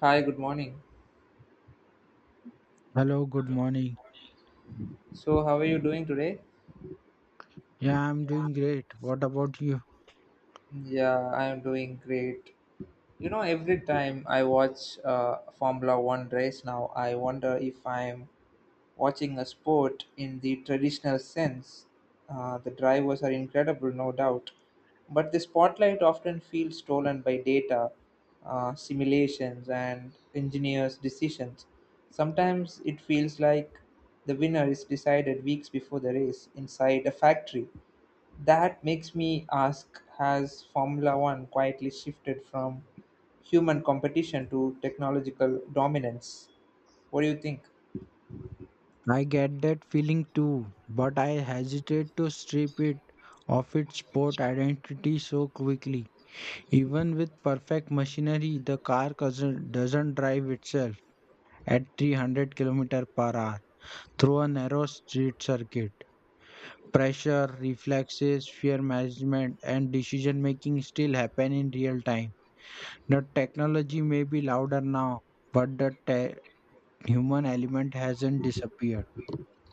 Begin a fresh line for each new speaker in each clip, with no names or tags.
Hi, good morning.
Hello, good morning.
So, how are you doing today?
Yeah, I'm doing great. What about you?
Yeah, I am doing great. Every time I watch Formula One race now, I wonder if I'm watching a sport in the traditional sense. The drivers are incredible, no doubt, but the spotlight often feels stolen by data, simulations, and engineers' decisions. Sometimes it feels like the winner is decided weeks before the race inside a factory. That makes me ask: Has Formula One quietly shifted from human competition to technological dominance? What do you think?
I get that feeling too, but I hesitate to strip it of its sport identity so quickly. Even with perfect machinery, the car doesn't drive itself at 300 kilometers per hour through a narrow street circuit. Pressure, reflexes, fear management, and decision making still happen in real time. The technology may be louder now, but the human element hasn't disappeared.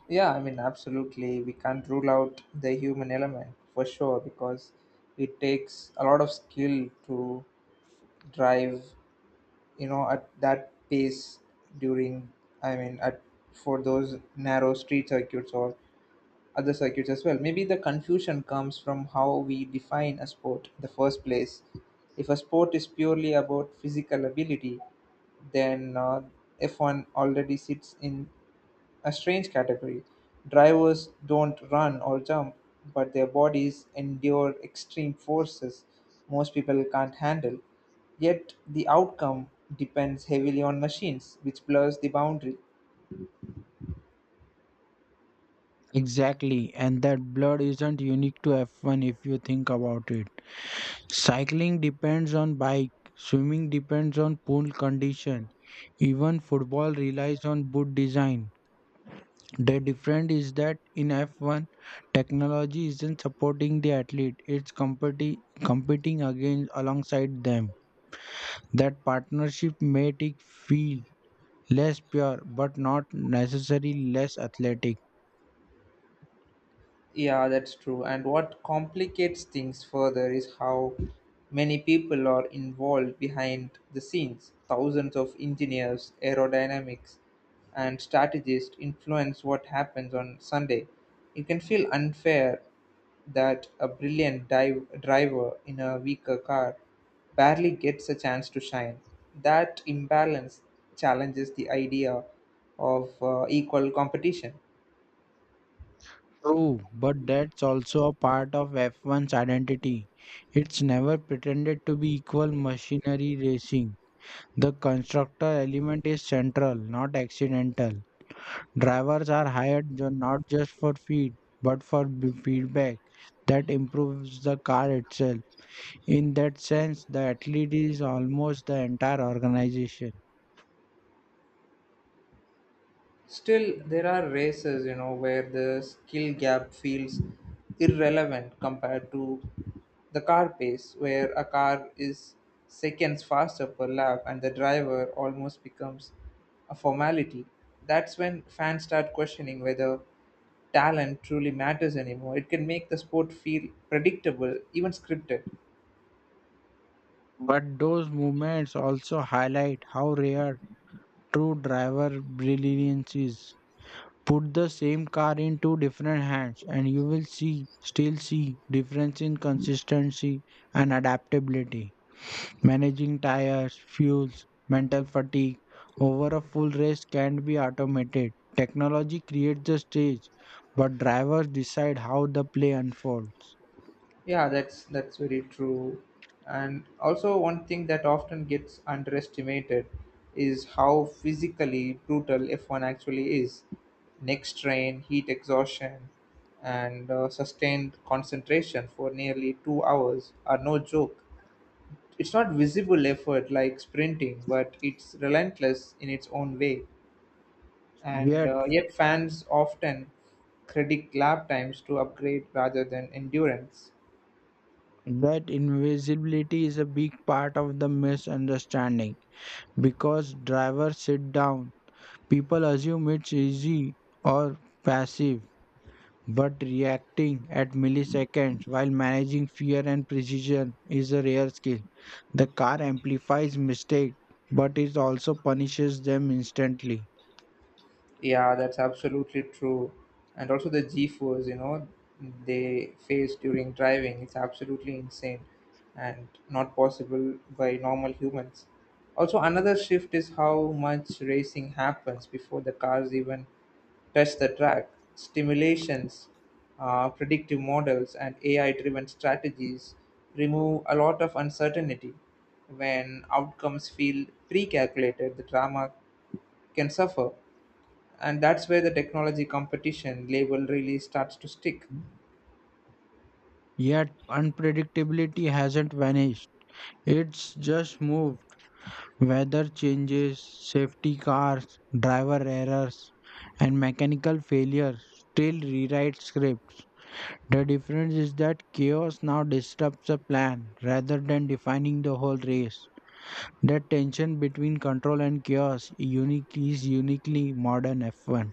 Yeah, I mean, absolutely. We can't rule out the human element for sure because it takes a lot of skill to drive, at that pace during, I mean, at for those narrow street circuits or other circuits as well. Maybe the confusion comes from how we define a sport in the first place. If a sport is purely about physical ability, then F1 already sits in a strange category. Drivers don't run or jump, but their bodies endure extreme forces most people can't handle. Yet the outcome depends heavily on machines, which blurs the boundary.
Exactly, and that blood isn't unique to F1 if you think about it. Cycling depends on bike, swimming depends on pool condition, even football relies on boot design. The difference is that in F1, technology isn't supporting the athlete, it's competing against alongside them. That partnership made it feel less pure but not necessarily less athletic.
Yeah, that's true. And what complicates things further is how many people are involved behind the scenes. Thousands of engineers, aerodynamics, and strategists influence what happens on Sunday. It can feel unfair that a brilliant driver in a weaker car barely gets a chance to shine. That imbalance challenges the idea of equal competition.
True, but that's also a part of F1's identity. It's never pretended to be equal machinery racing. The constructor element is central, not accidental. Drivers are not just for feed, but for feedback that improves the car itself. In that sense, the athlete is almost the entire organization.
Still, there are races, where the skill gap feels irrelevant compared to the car pace, where a car is seconds faster per lap and the driver almost becomes a formality. That's when fans start questioning whether talent truly matters anymore. It can make the sport feel predictable, even scripted.
But those moments also highlight how rare true driver brilliance is. Put the same car in two different hands and you will see still see difference in consistency and adaptability. Managing tires, fuels, mental fatigue over a full race can be automated. Technology creates the stage, but drivers decide how the play unfolds.
Yeah, that's very true. And also one thing that often gets underestimated is how physically brutal F1 actually is. Neck strain, heat exhaustion, and sustained concentration for nearly 2 hours are no joke. It's not visible effort like sprinting, but it's relentless in its own way. And
Yet,
yet fans often credit lap times to upgrade rather than endurance.
that invisibility is a big part of the misunderstanding because drivers sit down. People assume it's easy or passive. But reacting at milliseconds while managing fear and precision is a rare skill. The car amplifies mistakes, but it also punishes them instantly.
Yeah, that's absolutely true. And also the G-force, they face during driving, it's absolutely insane and not possible by normal humans. Also, another shift is how much racing happens before the cars even touch the track. Stimulations, predictive models, and AI-driven strategies remove a lot of uncertainty. When outcomes feel pre-calculated, the drama can suffer, and that's where the technology competition label really starts to stick.
Yet unpredictability hasn't vanished. It's just moved. Weather changes, safety cars, driver errors, and mechanical failures still rewrite scripts. The difference is that chaos now disrupts a plan rather than defining the whole race. That tension between control and chaos unique is uniquely modern F1.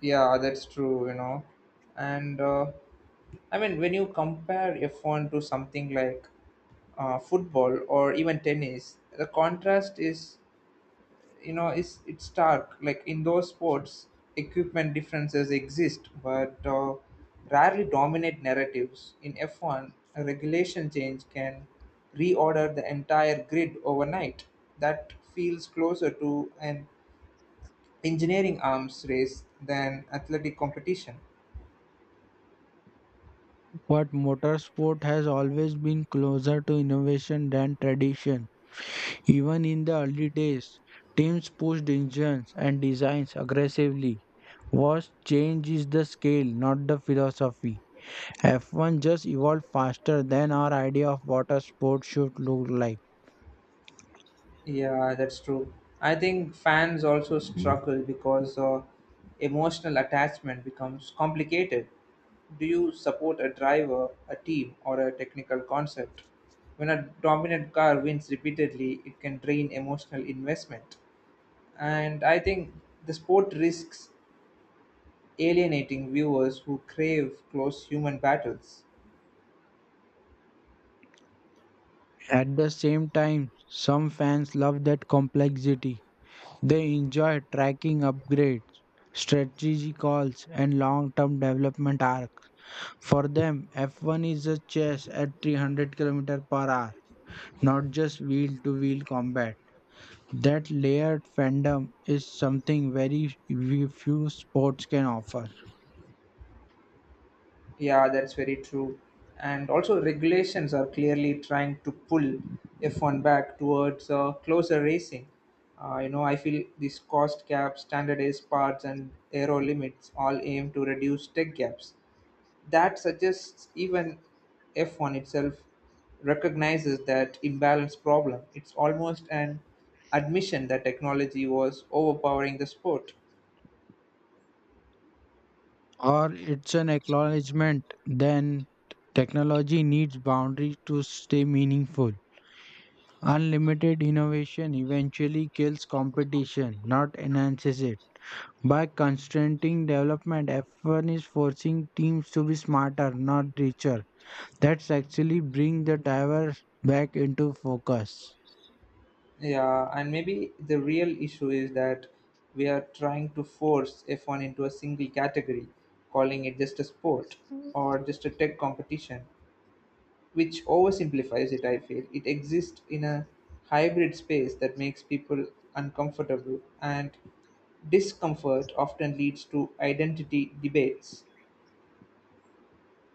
Yeah, that's true. And I mean, when you compare a phone to something like football or even tennis, the contrast is. It's stark. Like in those sports, equipment differences exist, but rarely dominate narratives. In F1, a regulation change can reorder the entire grid overnight. That feels closer to an engineering arms race than athletic competition.
But motorsport has always been closer to innovation than tradition. Even in the early days, teams pushed engines and designs aggressively. What change is the scale, not the philosophy. F1 just evolved faster than our idea of what a sport should look like.
Yeah, that's true. I think fans also struggle because emotional attachment becomes complicated. Do you support a driver, a team, or a technical concept? When a dominant car wins repeatedly, it can drain emotional investment. And I think the sport risks alienating viewers who crave close human battles.
At the same time, some fans love that complexity. They enjoy tracking upgrades, strategy calls, and long term development arc. For them, F1 is a chase at 300 km per hour, not just wheel to wheel combat. That layered fandom is something few sports can offer,
Yeah, that's very true. And also, regulations are clearly trying to pull F1 back towards closer racing. I feel these cost caps, standardized parts, and aero limits all aim to reduce tech gaps. That suggests even F1 itself recognizes that imbalance problem. It's almost an admission that technology was overpowering the sport.
or it's an acknowledgement then technology needs boundaries to stay meaningful. Unlimited innovation eventually kills competition, not enhances it. By constraining development, F1 is forcing teams to be smarter, not richer. That's actually bring the driver back into focus.
Yeah, and maybe the real issue is that we are trying to force F1 into a single category, calling it just a sport or just a tech competition, which oversimplifies it, I feel. It exists in a hybrid space that makes people uncomfortable, and discomfort often leads to identity debates.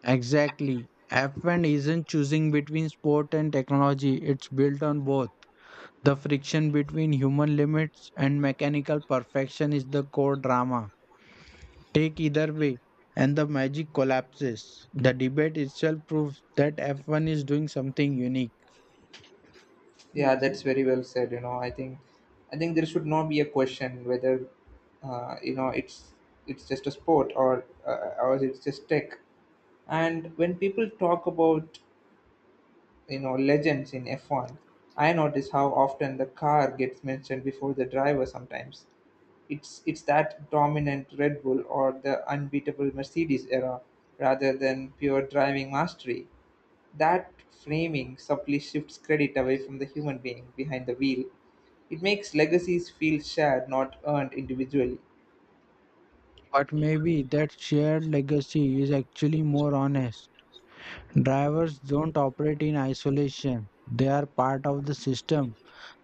Exactly. F1 isn't choosing between sport and technology, it's built on both. The friction between human limits and mechanical perfection is the core drama. Take either way, and the magic collapses. The debate itself proves that F1 is doing something unique.
Yeah, that's very well said. I think there should not be a question whether, uh, you know, it's it's just a sport or or it's just tech. And when people talk about legends in F1, I notice how often the car gets mentioned before the driver sometimes. It's that dominant Red Bull or the unbeatable Mercedes era rather than pure driving mastery. That framing subtly shifts credit away from the human being behind the wheel. It makes legacies feel shared, not earned individually.
But maybe that shared legacy is actually more honest. Drivers don't operate in isolation, they are part of the system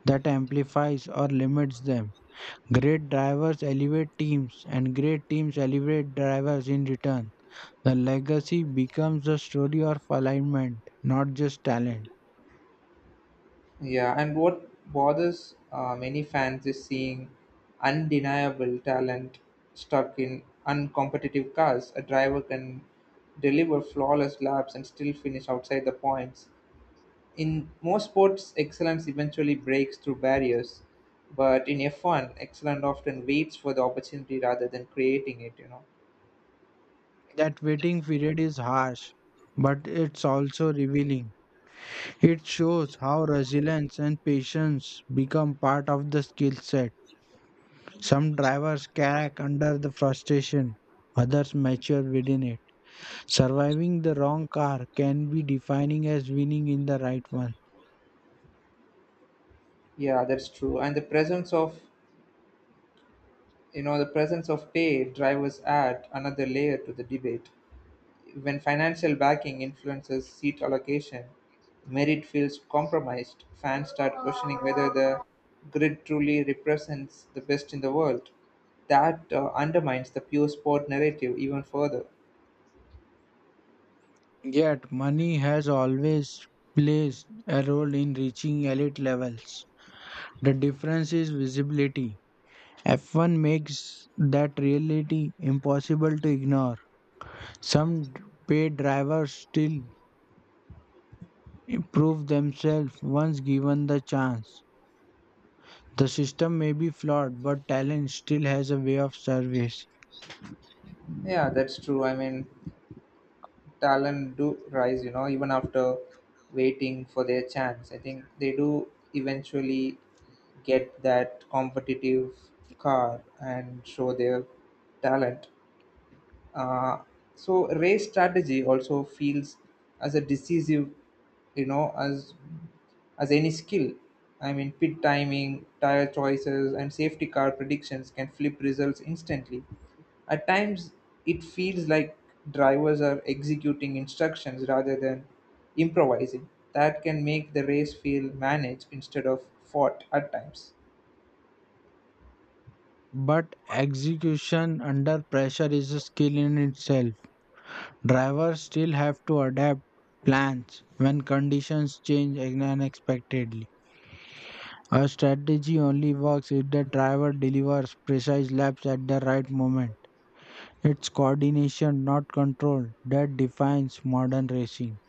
that amplifies or limits them. Great drivers elevate teams, and great teams elevate drivers in return. The legacy becomes a story of alignment, not just talent.
Yeah, and what bothers many fans is seeing undeniable talent stuck in uncompetitive cars. A driver can deliver flawless laps and still finish outside the points. In most sports, excellence eventually breaks through barriers, but in F1, excellence often waits for the opportunity rather than creating it.
That waiting period is harsh, but it's also revealing. It shows how resilience and patience become part of the skill set. Some drivers crack under the frustration, others mature within it. Surviving the wrong car can be defining as winning in the right one.
Yeah, that's true. And the presence of pay drivers add another layer to the debate. When financial backing influences seat allocation, merit feels compromised. Fans start questioning whether the grid truly represents the best in the world. That undermines the pure sport narrative even further.
Yet, money has always plays a role in reaching elite levels. The difference is visibility. F1 makes that reality impossible to ignore. Some d- Paid drivers still prove themselves once given the chance. The system may be flawed, but talent still has a way of service.
Yeah, that's true. I mean, talent do rise, even after waiting for their chance. I think they do eventually get that competitive car and show their talent. Uh, so race strategy also feels as a decisive, you know, as as any skill. I mean, pit timing, tire choices, and safety car predictions can flip results instantly. At times, it feels like drivers are executing instructions rather than improvising. That can make the race feel managed instead of fought at times.
But execution under pressure is a skill in itself. Drivers still have to adapt plans when conditions change unexpectedly. A strategy only works if the driver delivers precise laps at the right moment. It's coordination, not control, that defines modern racing.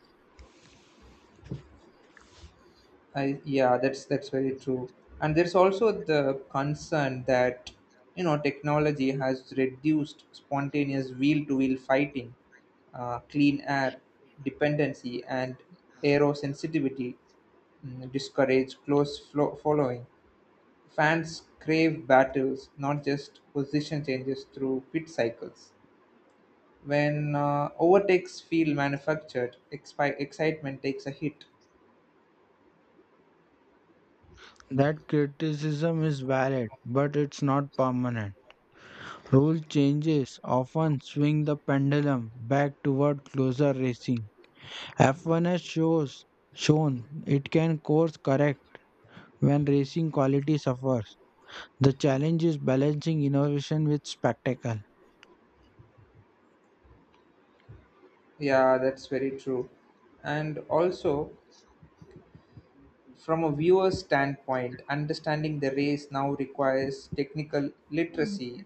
Yeah, that's very true. And there's also the concern that technology has reduced spontaneous wheel-to-wheel fighting, clean air dependency, and aero sensitivity discourage close following. Fans crave battles, not just position changes through pit cycles. When overtakes feel manufactured, excitement takes a hit.
That criticism is valid, but it's not permanent. Rule changes often swing the pendulum back toward closer racing. F1 shown it can course correct when racing quality suffers. The challenge is balancing innovation with spectacle.
Yeah, that's very true. And also, from a viewer's standpoint, understanding the race now requires technical literacy.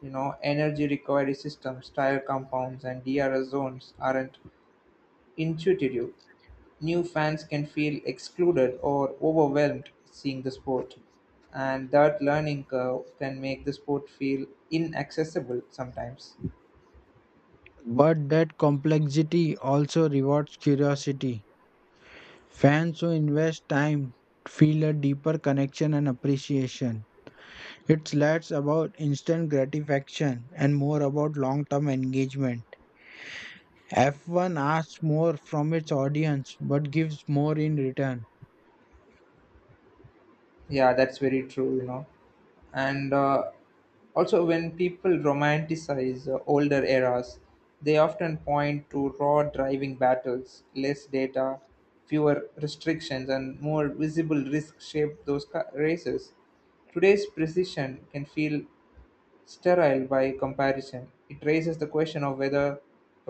Energy recovery systems, tire compounds, and DRS zones aren't intuitive. New fans can feel excluded or overwhelmed seeing the sport, and that learning curve can make the sport feel inaccessible sometimes.
But that complexity also rewards curiosity. Fans who invest time feel a deeper connection and appreciation. It's less about instant gratification and more about long term engagement. F1 asks more from its audience but gives more in return.
Yeah, that's very true. And also when people romanticize older eras, they often point to raw driving battles, less data, fewer restrictions, and more visible risk shaped those races. Today's precision can feel sterile by comparison. It raises the question of whether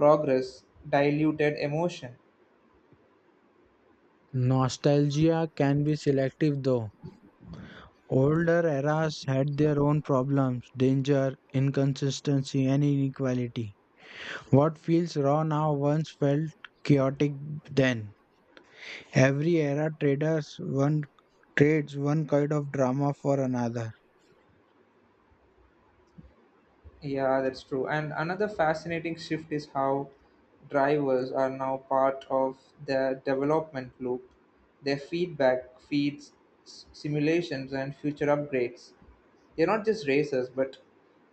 progress diluted emotion.
Nostalgia can be selective though. Older eras had their own problems, danger, inconsistency, and inequality. What feels raw now once felt chaotic then. Every era traders one trades one kind of drama for another.
Yeah, that's true. And another fascinating shift is how drivers are now part of the development loop. Their feedback feeds simulations and future upgrades. They're not just racers, but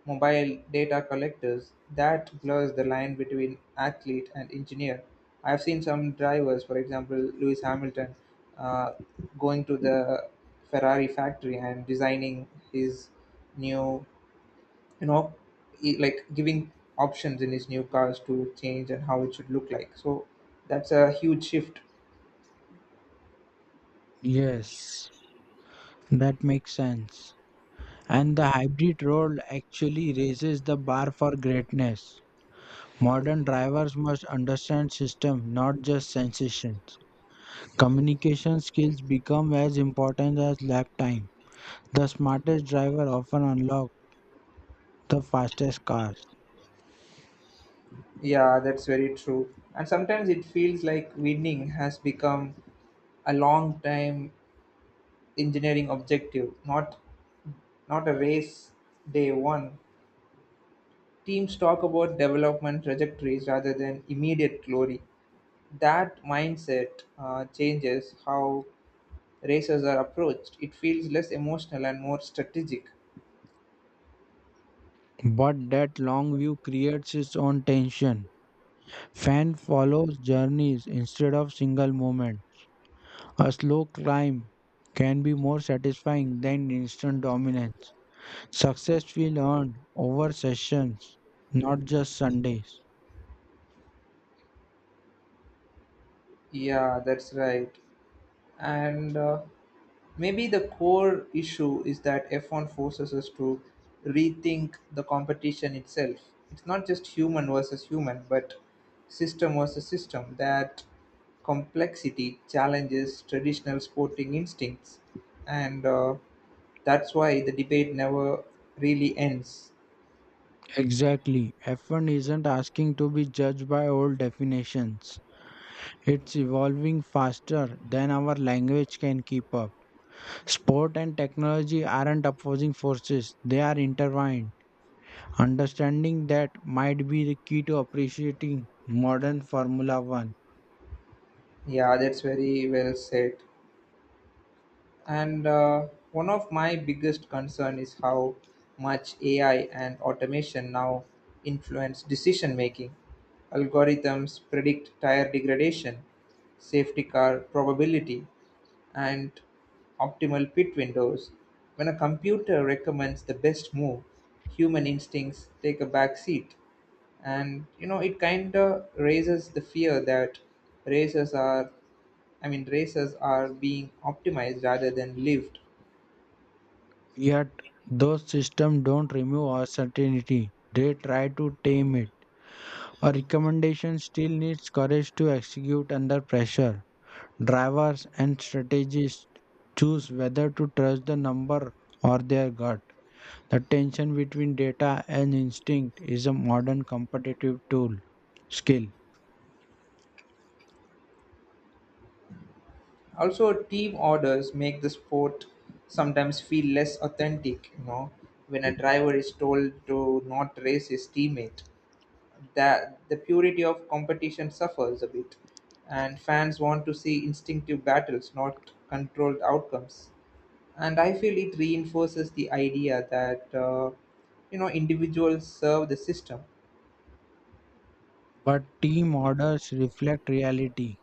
mobile data collectors. That blurs the line between athlete and engineer. I've seen some drivers, for example, Lewis Hamilton, uh, going to the Ferrari factory and designing his new, you know like giving options in his new cars to change and how it should look like, so that's a huge shift.
Yes, that makes sense. And the hybrid role actually raises the bar for greatness. Modern drivers must understand system, not just sensations. Communication skills become as important as lap time. The smartest driver often unlocks the fastest cars.
Yeah, that's very true. And sometimes it feels like winning has become a long time engineering objective, not a race day one. Teams talk about development trajectories rather than immediate glory. That mindset changes how races are approached. It feels less emotional and more strategic.
But that long view creates its own tension. Fan follows journeys instead of single moment. A slow climb can be more satisfying than instant dominance. Success will earned over sessions, not just Sundays.
Yeah, that's right. And maybe the core issue is that F1 forces us to rethink the competition itself. It's not just human versus human, but system versus system. That complexity challenges traditional sporting instincts. And that's why the debate never really ends.
Exactly. F1 isn't asking to be judged by old definitions. It's evolving faster than our language can keep up. Sport and technology aren't opposing forces, they are intertwined. Understanding that might be the key to appreciating modern Formula One.
Yeah, that's very well said. And one of my biggest concern is how much AI and automation now influence decision making. Algorithms predict tire degradation, safety car probability, and optimal pit windows. When a computer recommends the best move, human instincts take a back seat. And it kind of raises the fear that racers are I mean, races are being optimized rather than lived.
Yet, those systems don't remove uncertainty, they try to tame it. A recommendation still needs courage to execute under pressure. Drivers and strategists choose whether to trust the number or their gut. The tension between data and instinct is a modern competitive tool skill.
Also, team orders make the sport sometimes feel less authentic. When a driver is told to not race his teammate, that the purity of competition suffers a bit, and fans want to see instinctive battles, not controlled outcomes. And I feel it reinforces the idea that individuals serve the system.
But team orders reflect reality.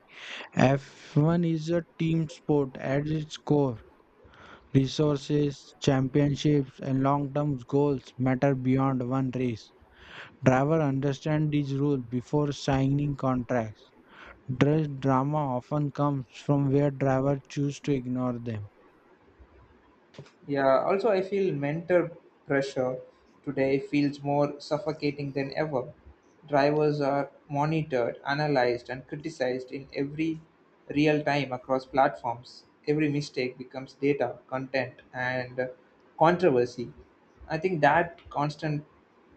F1 is a team sport at its core. Resources, championships, and long term goals matter beyond one race. Driver understand these rules before signing contracts. Dress drama often comes from where drivers choose to ignore them.
Yeah, also I feel mental pressure today feels more suffocating than ever. Drivers are monitored, analyzed, and criticized in every real time across platforms. Every mistake becomes data, content, and controversy. I think that constant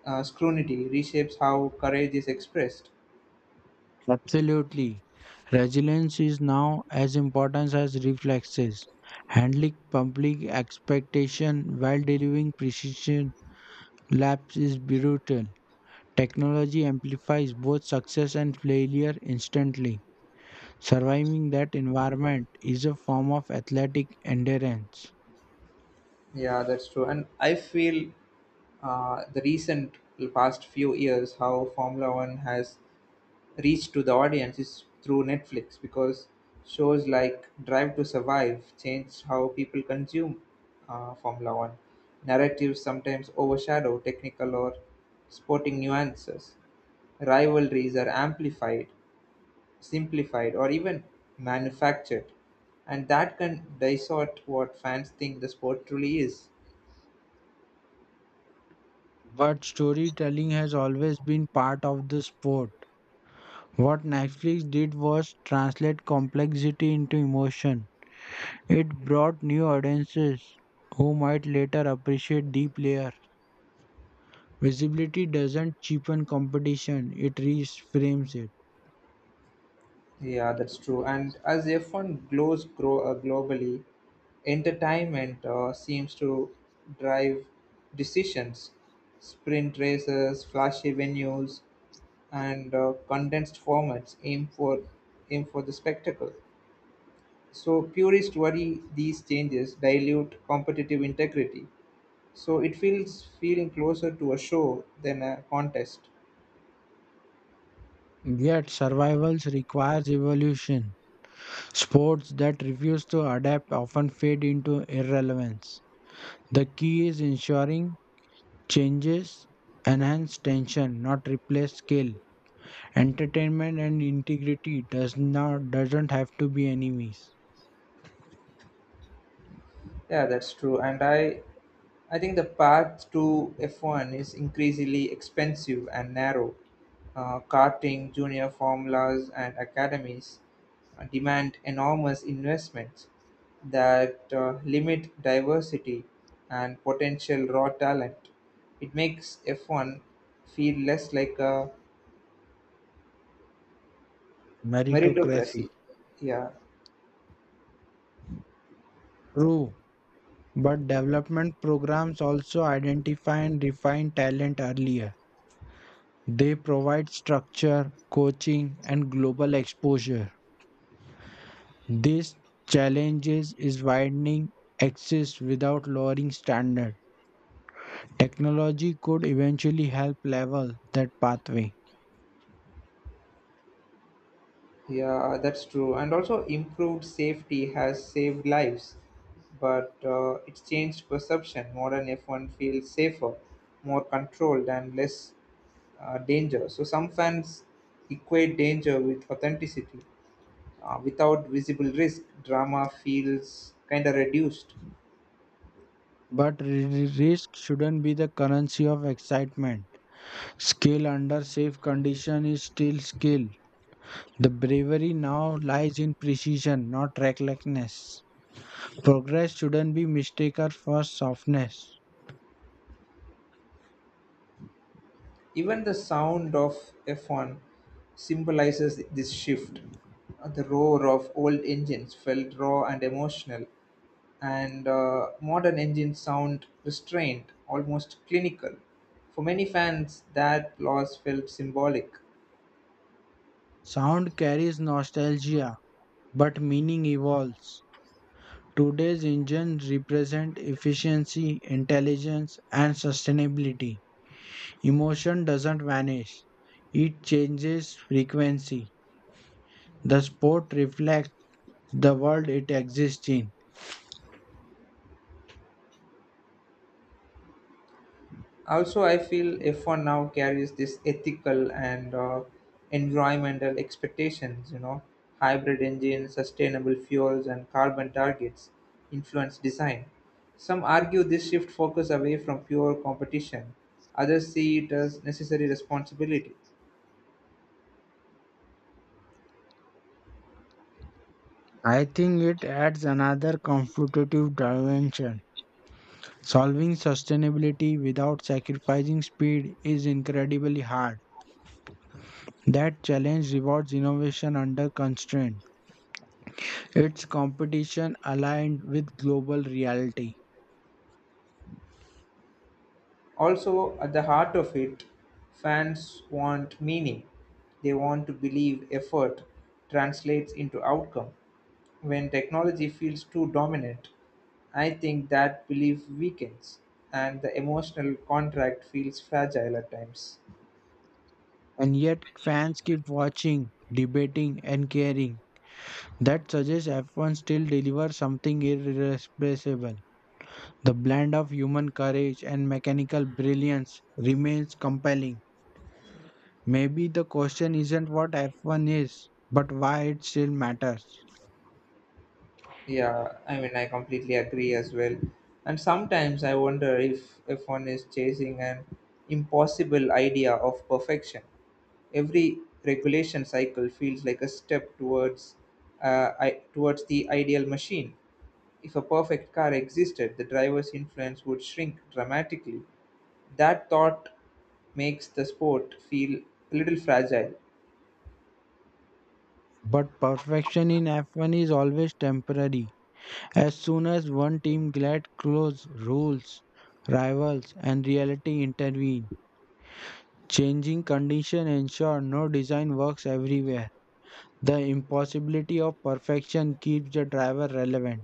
scrutiny reshapes how courage is expressed.
Absolutely. Resilience is now as important as reflexes. Handling public expectation while delivering precision laps is brutal. Technology amplifies both success and failure instantly. Surviving that environment is a form of athletic endurance.
Yeah, that's true. And I feel the recent past few years how Formula One has reach to the audience is through Netflix, because shows like Drive to Survive changed how people consume Formula One. Narratives sometimes overshadow technical or sporting nuances. Rivalries are amplified, simplified, or even manufactured, and that can distort what fans think the sport truly is.
But storytelling has always been part of the sport. What Netflix did was translate complexity into emotion. It brought new audiences who might later appreciate deep layer. Visibility doesn't cheapen competition, it reframes it.
Yeah, that's true. And as F1 grows, grow globally, entertainment seems to drive decisions. Sprint races, flashy venues, and condensed formats aim for the spectacle. So purists worry these changes dilute competitive integrity. So it feels feeling closer to a show than a contest.
Yet survivals requires evolution. Sports that refuse to adapt often fade into irrelevance. The key is ensuring changes enhance tension, not replace skill. Entertainment and integrity doesn't have to be enemies.
Yeah, that's true. And I think the path to F1 is increasingly expensive and narrow. Karting, junior formulas, and academies demand enormous investments that limit diversity and potential raw talent. It makes F1 feel less like a
Meritocracy.
meritocracy. Yeah,
True, but development programs also identify and refine talent earlier. They provide structure, coaching, and global exposure. This challenges is widening access without lowering standard. Technology could eventually help level that pathway,
yeah, that's true. And also, improved safety has saved lives, but it's changed perception. Modern F1 feels safer, more controlled, and less danger. So, some fans equate danger with authenticity. Without visible risk, drama feels kind of reduced.
but risk shouldn't be the currency of excitement. Skill under safe condition is still skill. The bravery now lies in precision, not recklessness. Progress shouldn't be mistaken for softness.
Even the sound of F1 symbolizes this shift. The roar of old engines felt raw and emotional, and modern engines sound restrained, almost clinical. For many fans, that loss felt symbolic.
Sound carries nostalgia, but meaning evolves. Today's engines represent efficiency, intelligence, and sustainability. Emotion doesn't vanish, it changes frequency. The sport reflects the world it exists in.
Also, I feel F1 now carries this ethical and environmental expectations, hybrid engines, sustainable fuels, and carbon targets influence design. Some argue this shift focus away from pure competition. Others see it as necessary responsibility.
I think it adds another competitive dimension. Solving sustainability without sacrificing speed is incredibly hard. That challenge rewards innovation under constraint. It's competition aligned with global reality.
Also, at the heart of it, fans want meaning. They want to believe effort translates into outcome. When technology feels too dominant, I think that belief weakens and the emotional contract feels fragile at times.
And yet, fans keep watching, debating, and caring. That suggests F1 still delivers something irreplaceable. The blend of human courage and mechanical brilliance remains compelling. Maybe the question isn't what F1 is, but why it still matters.
Yeah, I mean, I completely agree as well. And sometimes I wonder if one is chasing an impossible idea of perfection. Every regulation cycle feels like a step towards, towards the ideal machine. If a perfect car existed, the driver's influence would shrink dramatically. That thought makes the sport feel a little fragile.
But perfection in F1 is always temporary. As soon as one team gets close, rules, rivals, and reality intervene. Changing conditions ensure no design works everywhere. The impossibility of perfection keeps the driver relevant.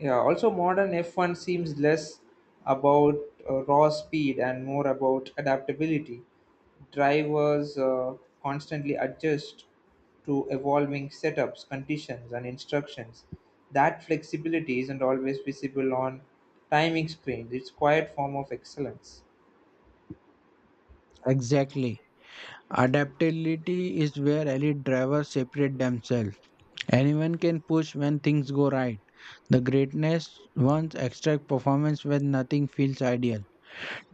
Yeah, also modern F1 seems less about raw speed and more about adaptability. Drivers constantly adjust to evolving setups, conditions, and instructions. That flexibility isn't always visible on timing screens. It's quiet form of excellence.
Exactly. Adaptability is where elite drivers separate themselves. Anyone can push when things go right. The greatness one's extract performance when nothing feels ideal.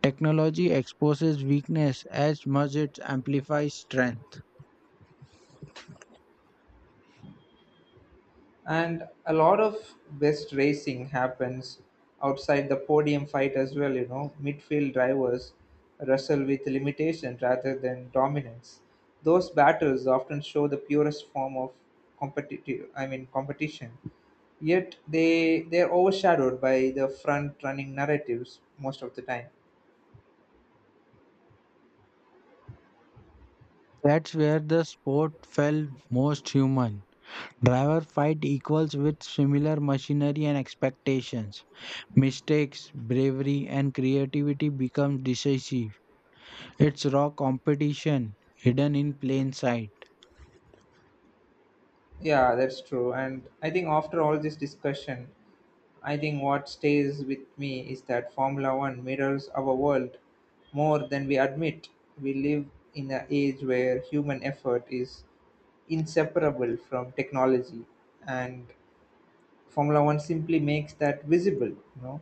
Technology exposes weakness as much it amplifies strength.
And a lot of best racing happens outside the podium fight as well, midfield drivers wrestle with limitation rather than dominance. Those battles often show the purest form of competitive I mean, competition, yet they're overshadowed by the front running narratives most of the time.
That's where the sport felt most human. Driver fight equals with similar machinery and expectations. Mistakes, bravery, and creativity become decisive. It's raw competition hidden in plain sight.
Yeah, that's true. And I think after all this discussion, I think what stays with me is that Formula One mirrors our world more than we admit. We live in an age where human effort is inseparable from technology, and Formula One simply makes that visible. You know,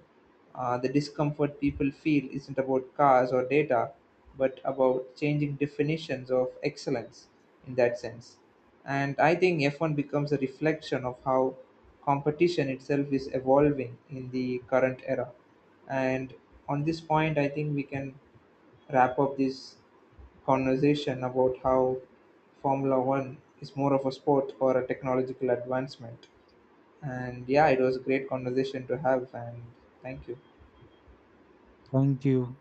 uh, the discomfort people feel isn't about cars or data, but about changing definitions of excellence in that sense. And I think F1 becomes a reflection of how competition itself is evolving in the current era. And on this point, I think we can wrap up this conversation about how Formula One is more of a sport or a technological advancement. And yeah, it was a great conversation to have. And thank you.
Thank you.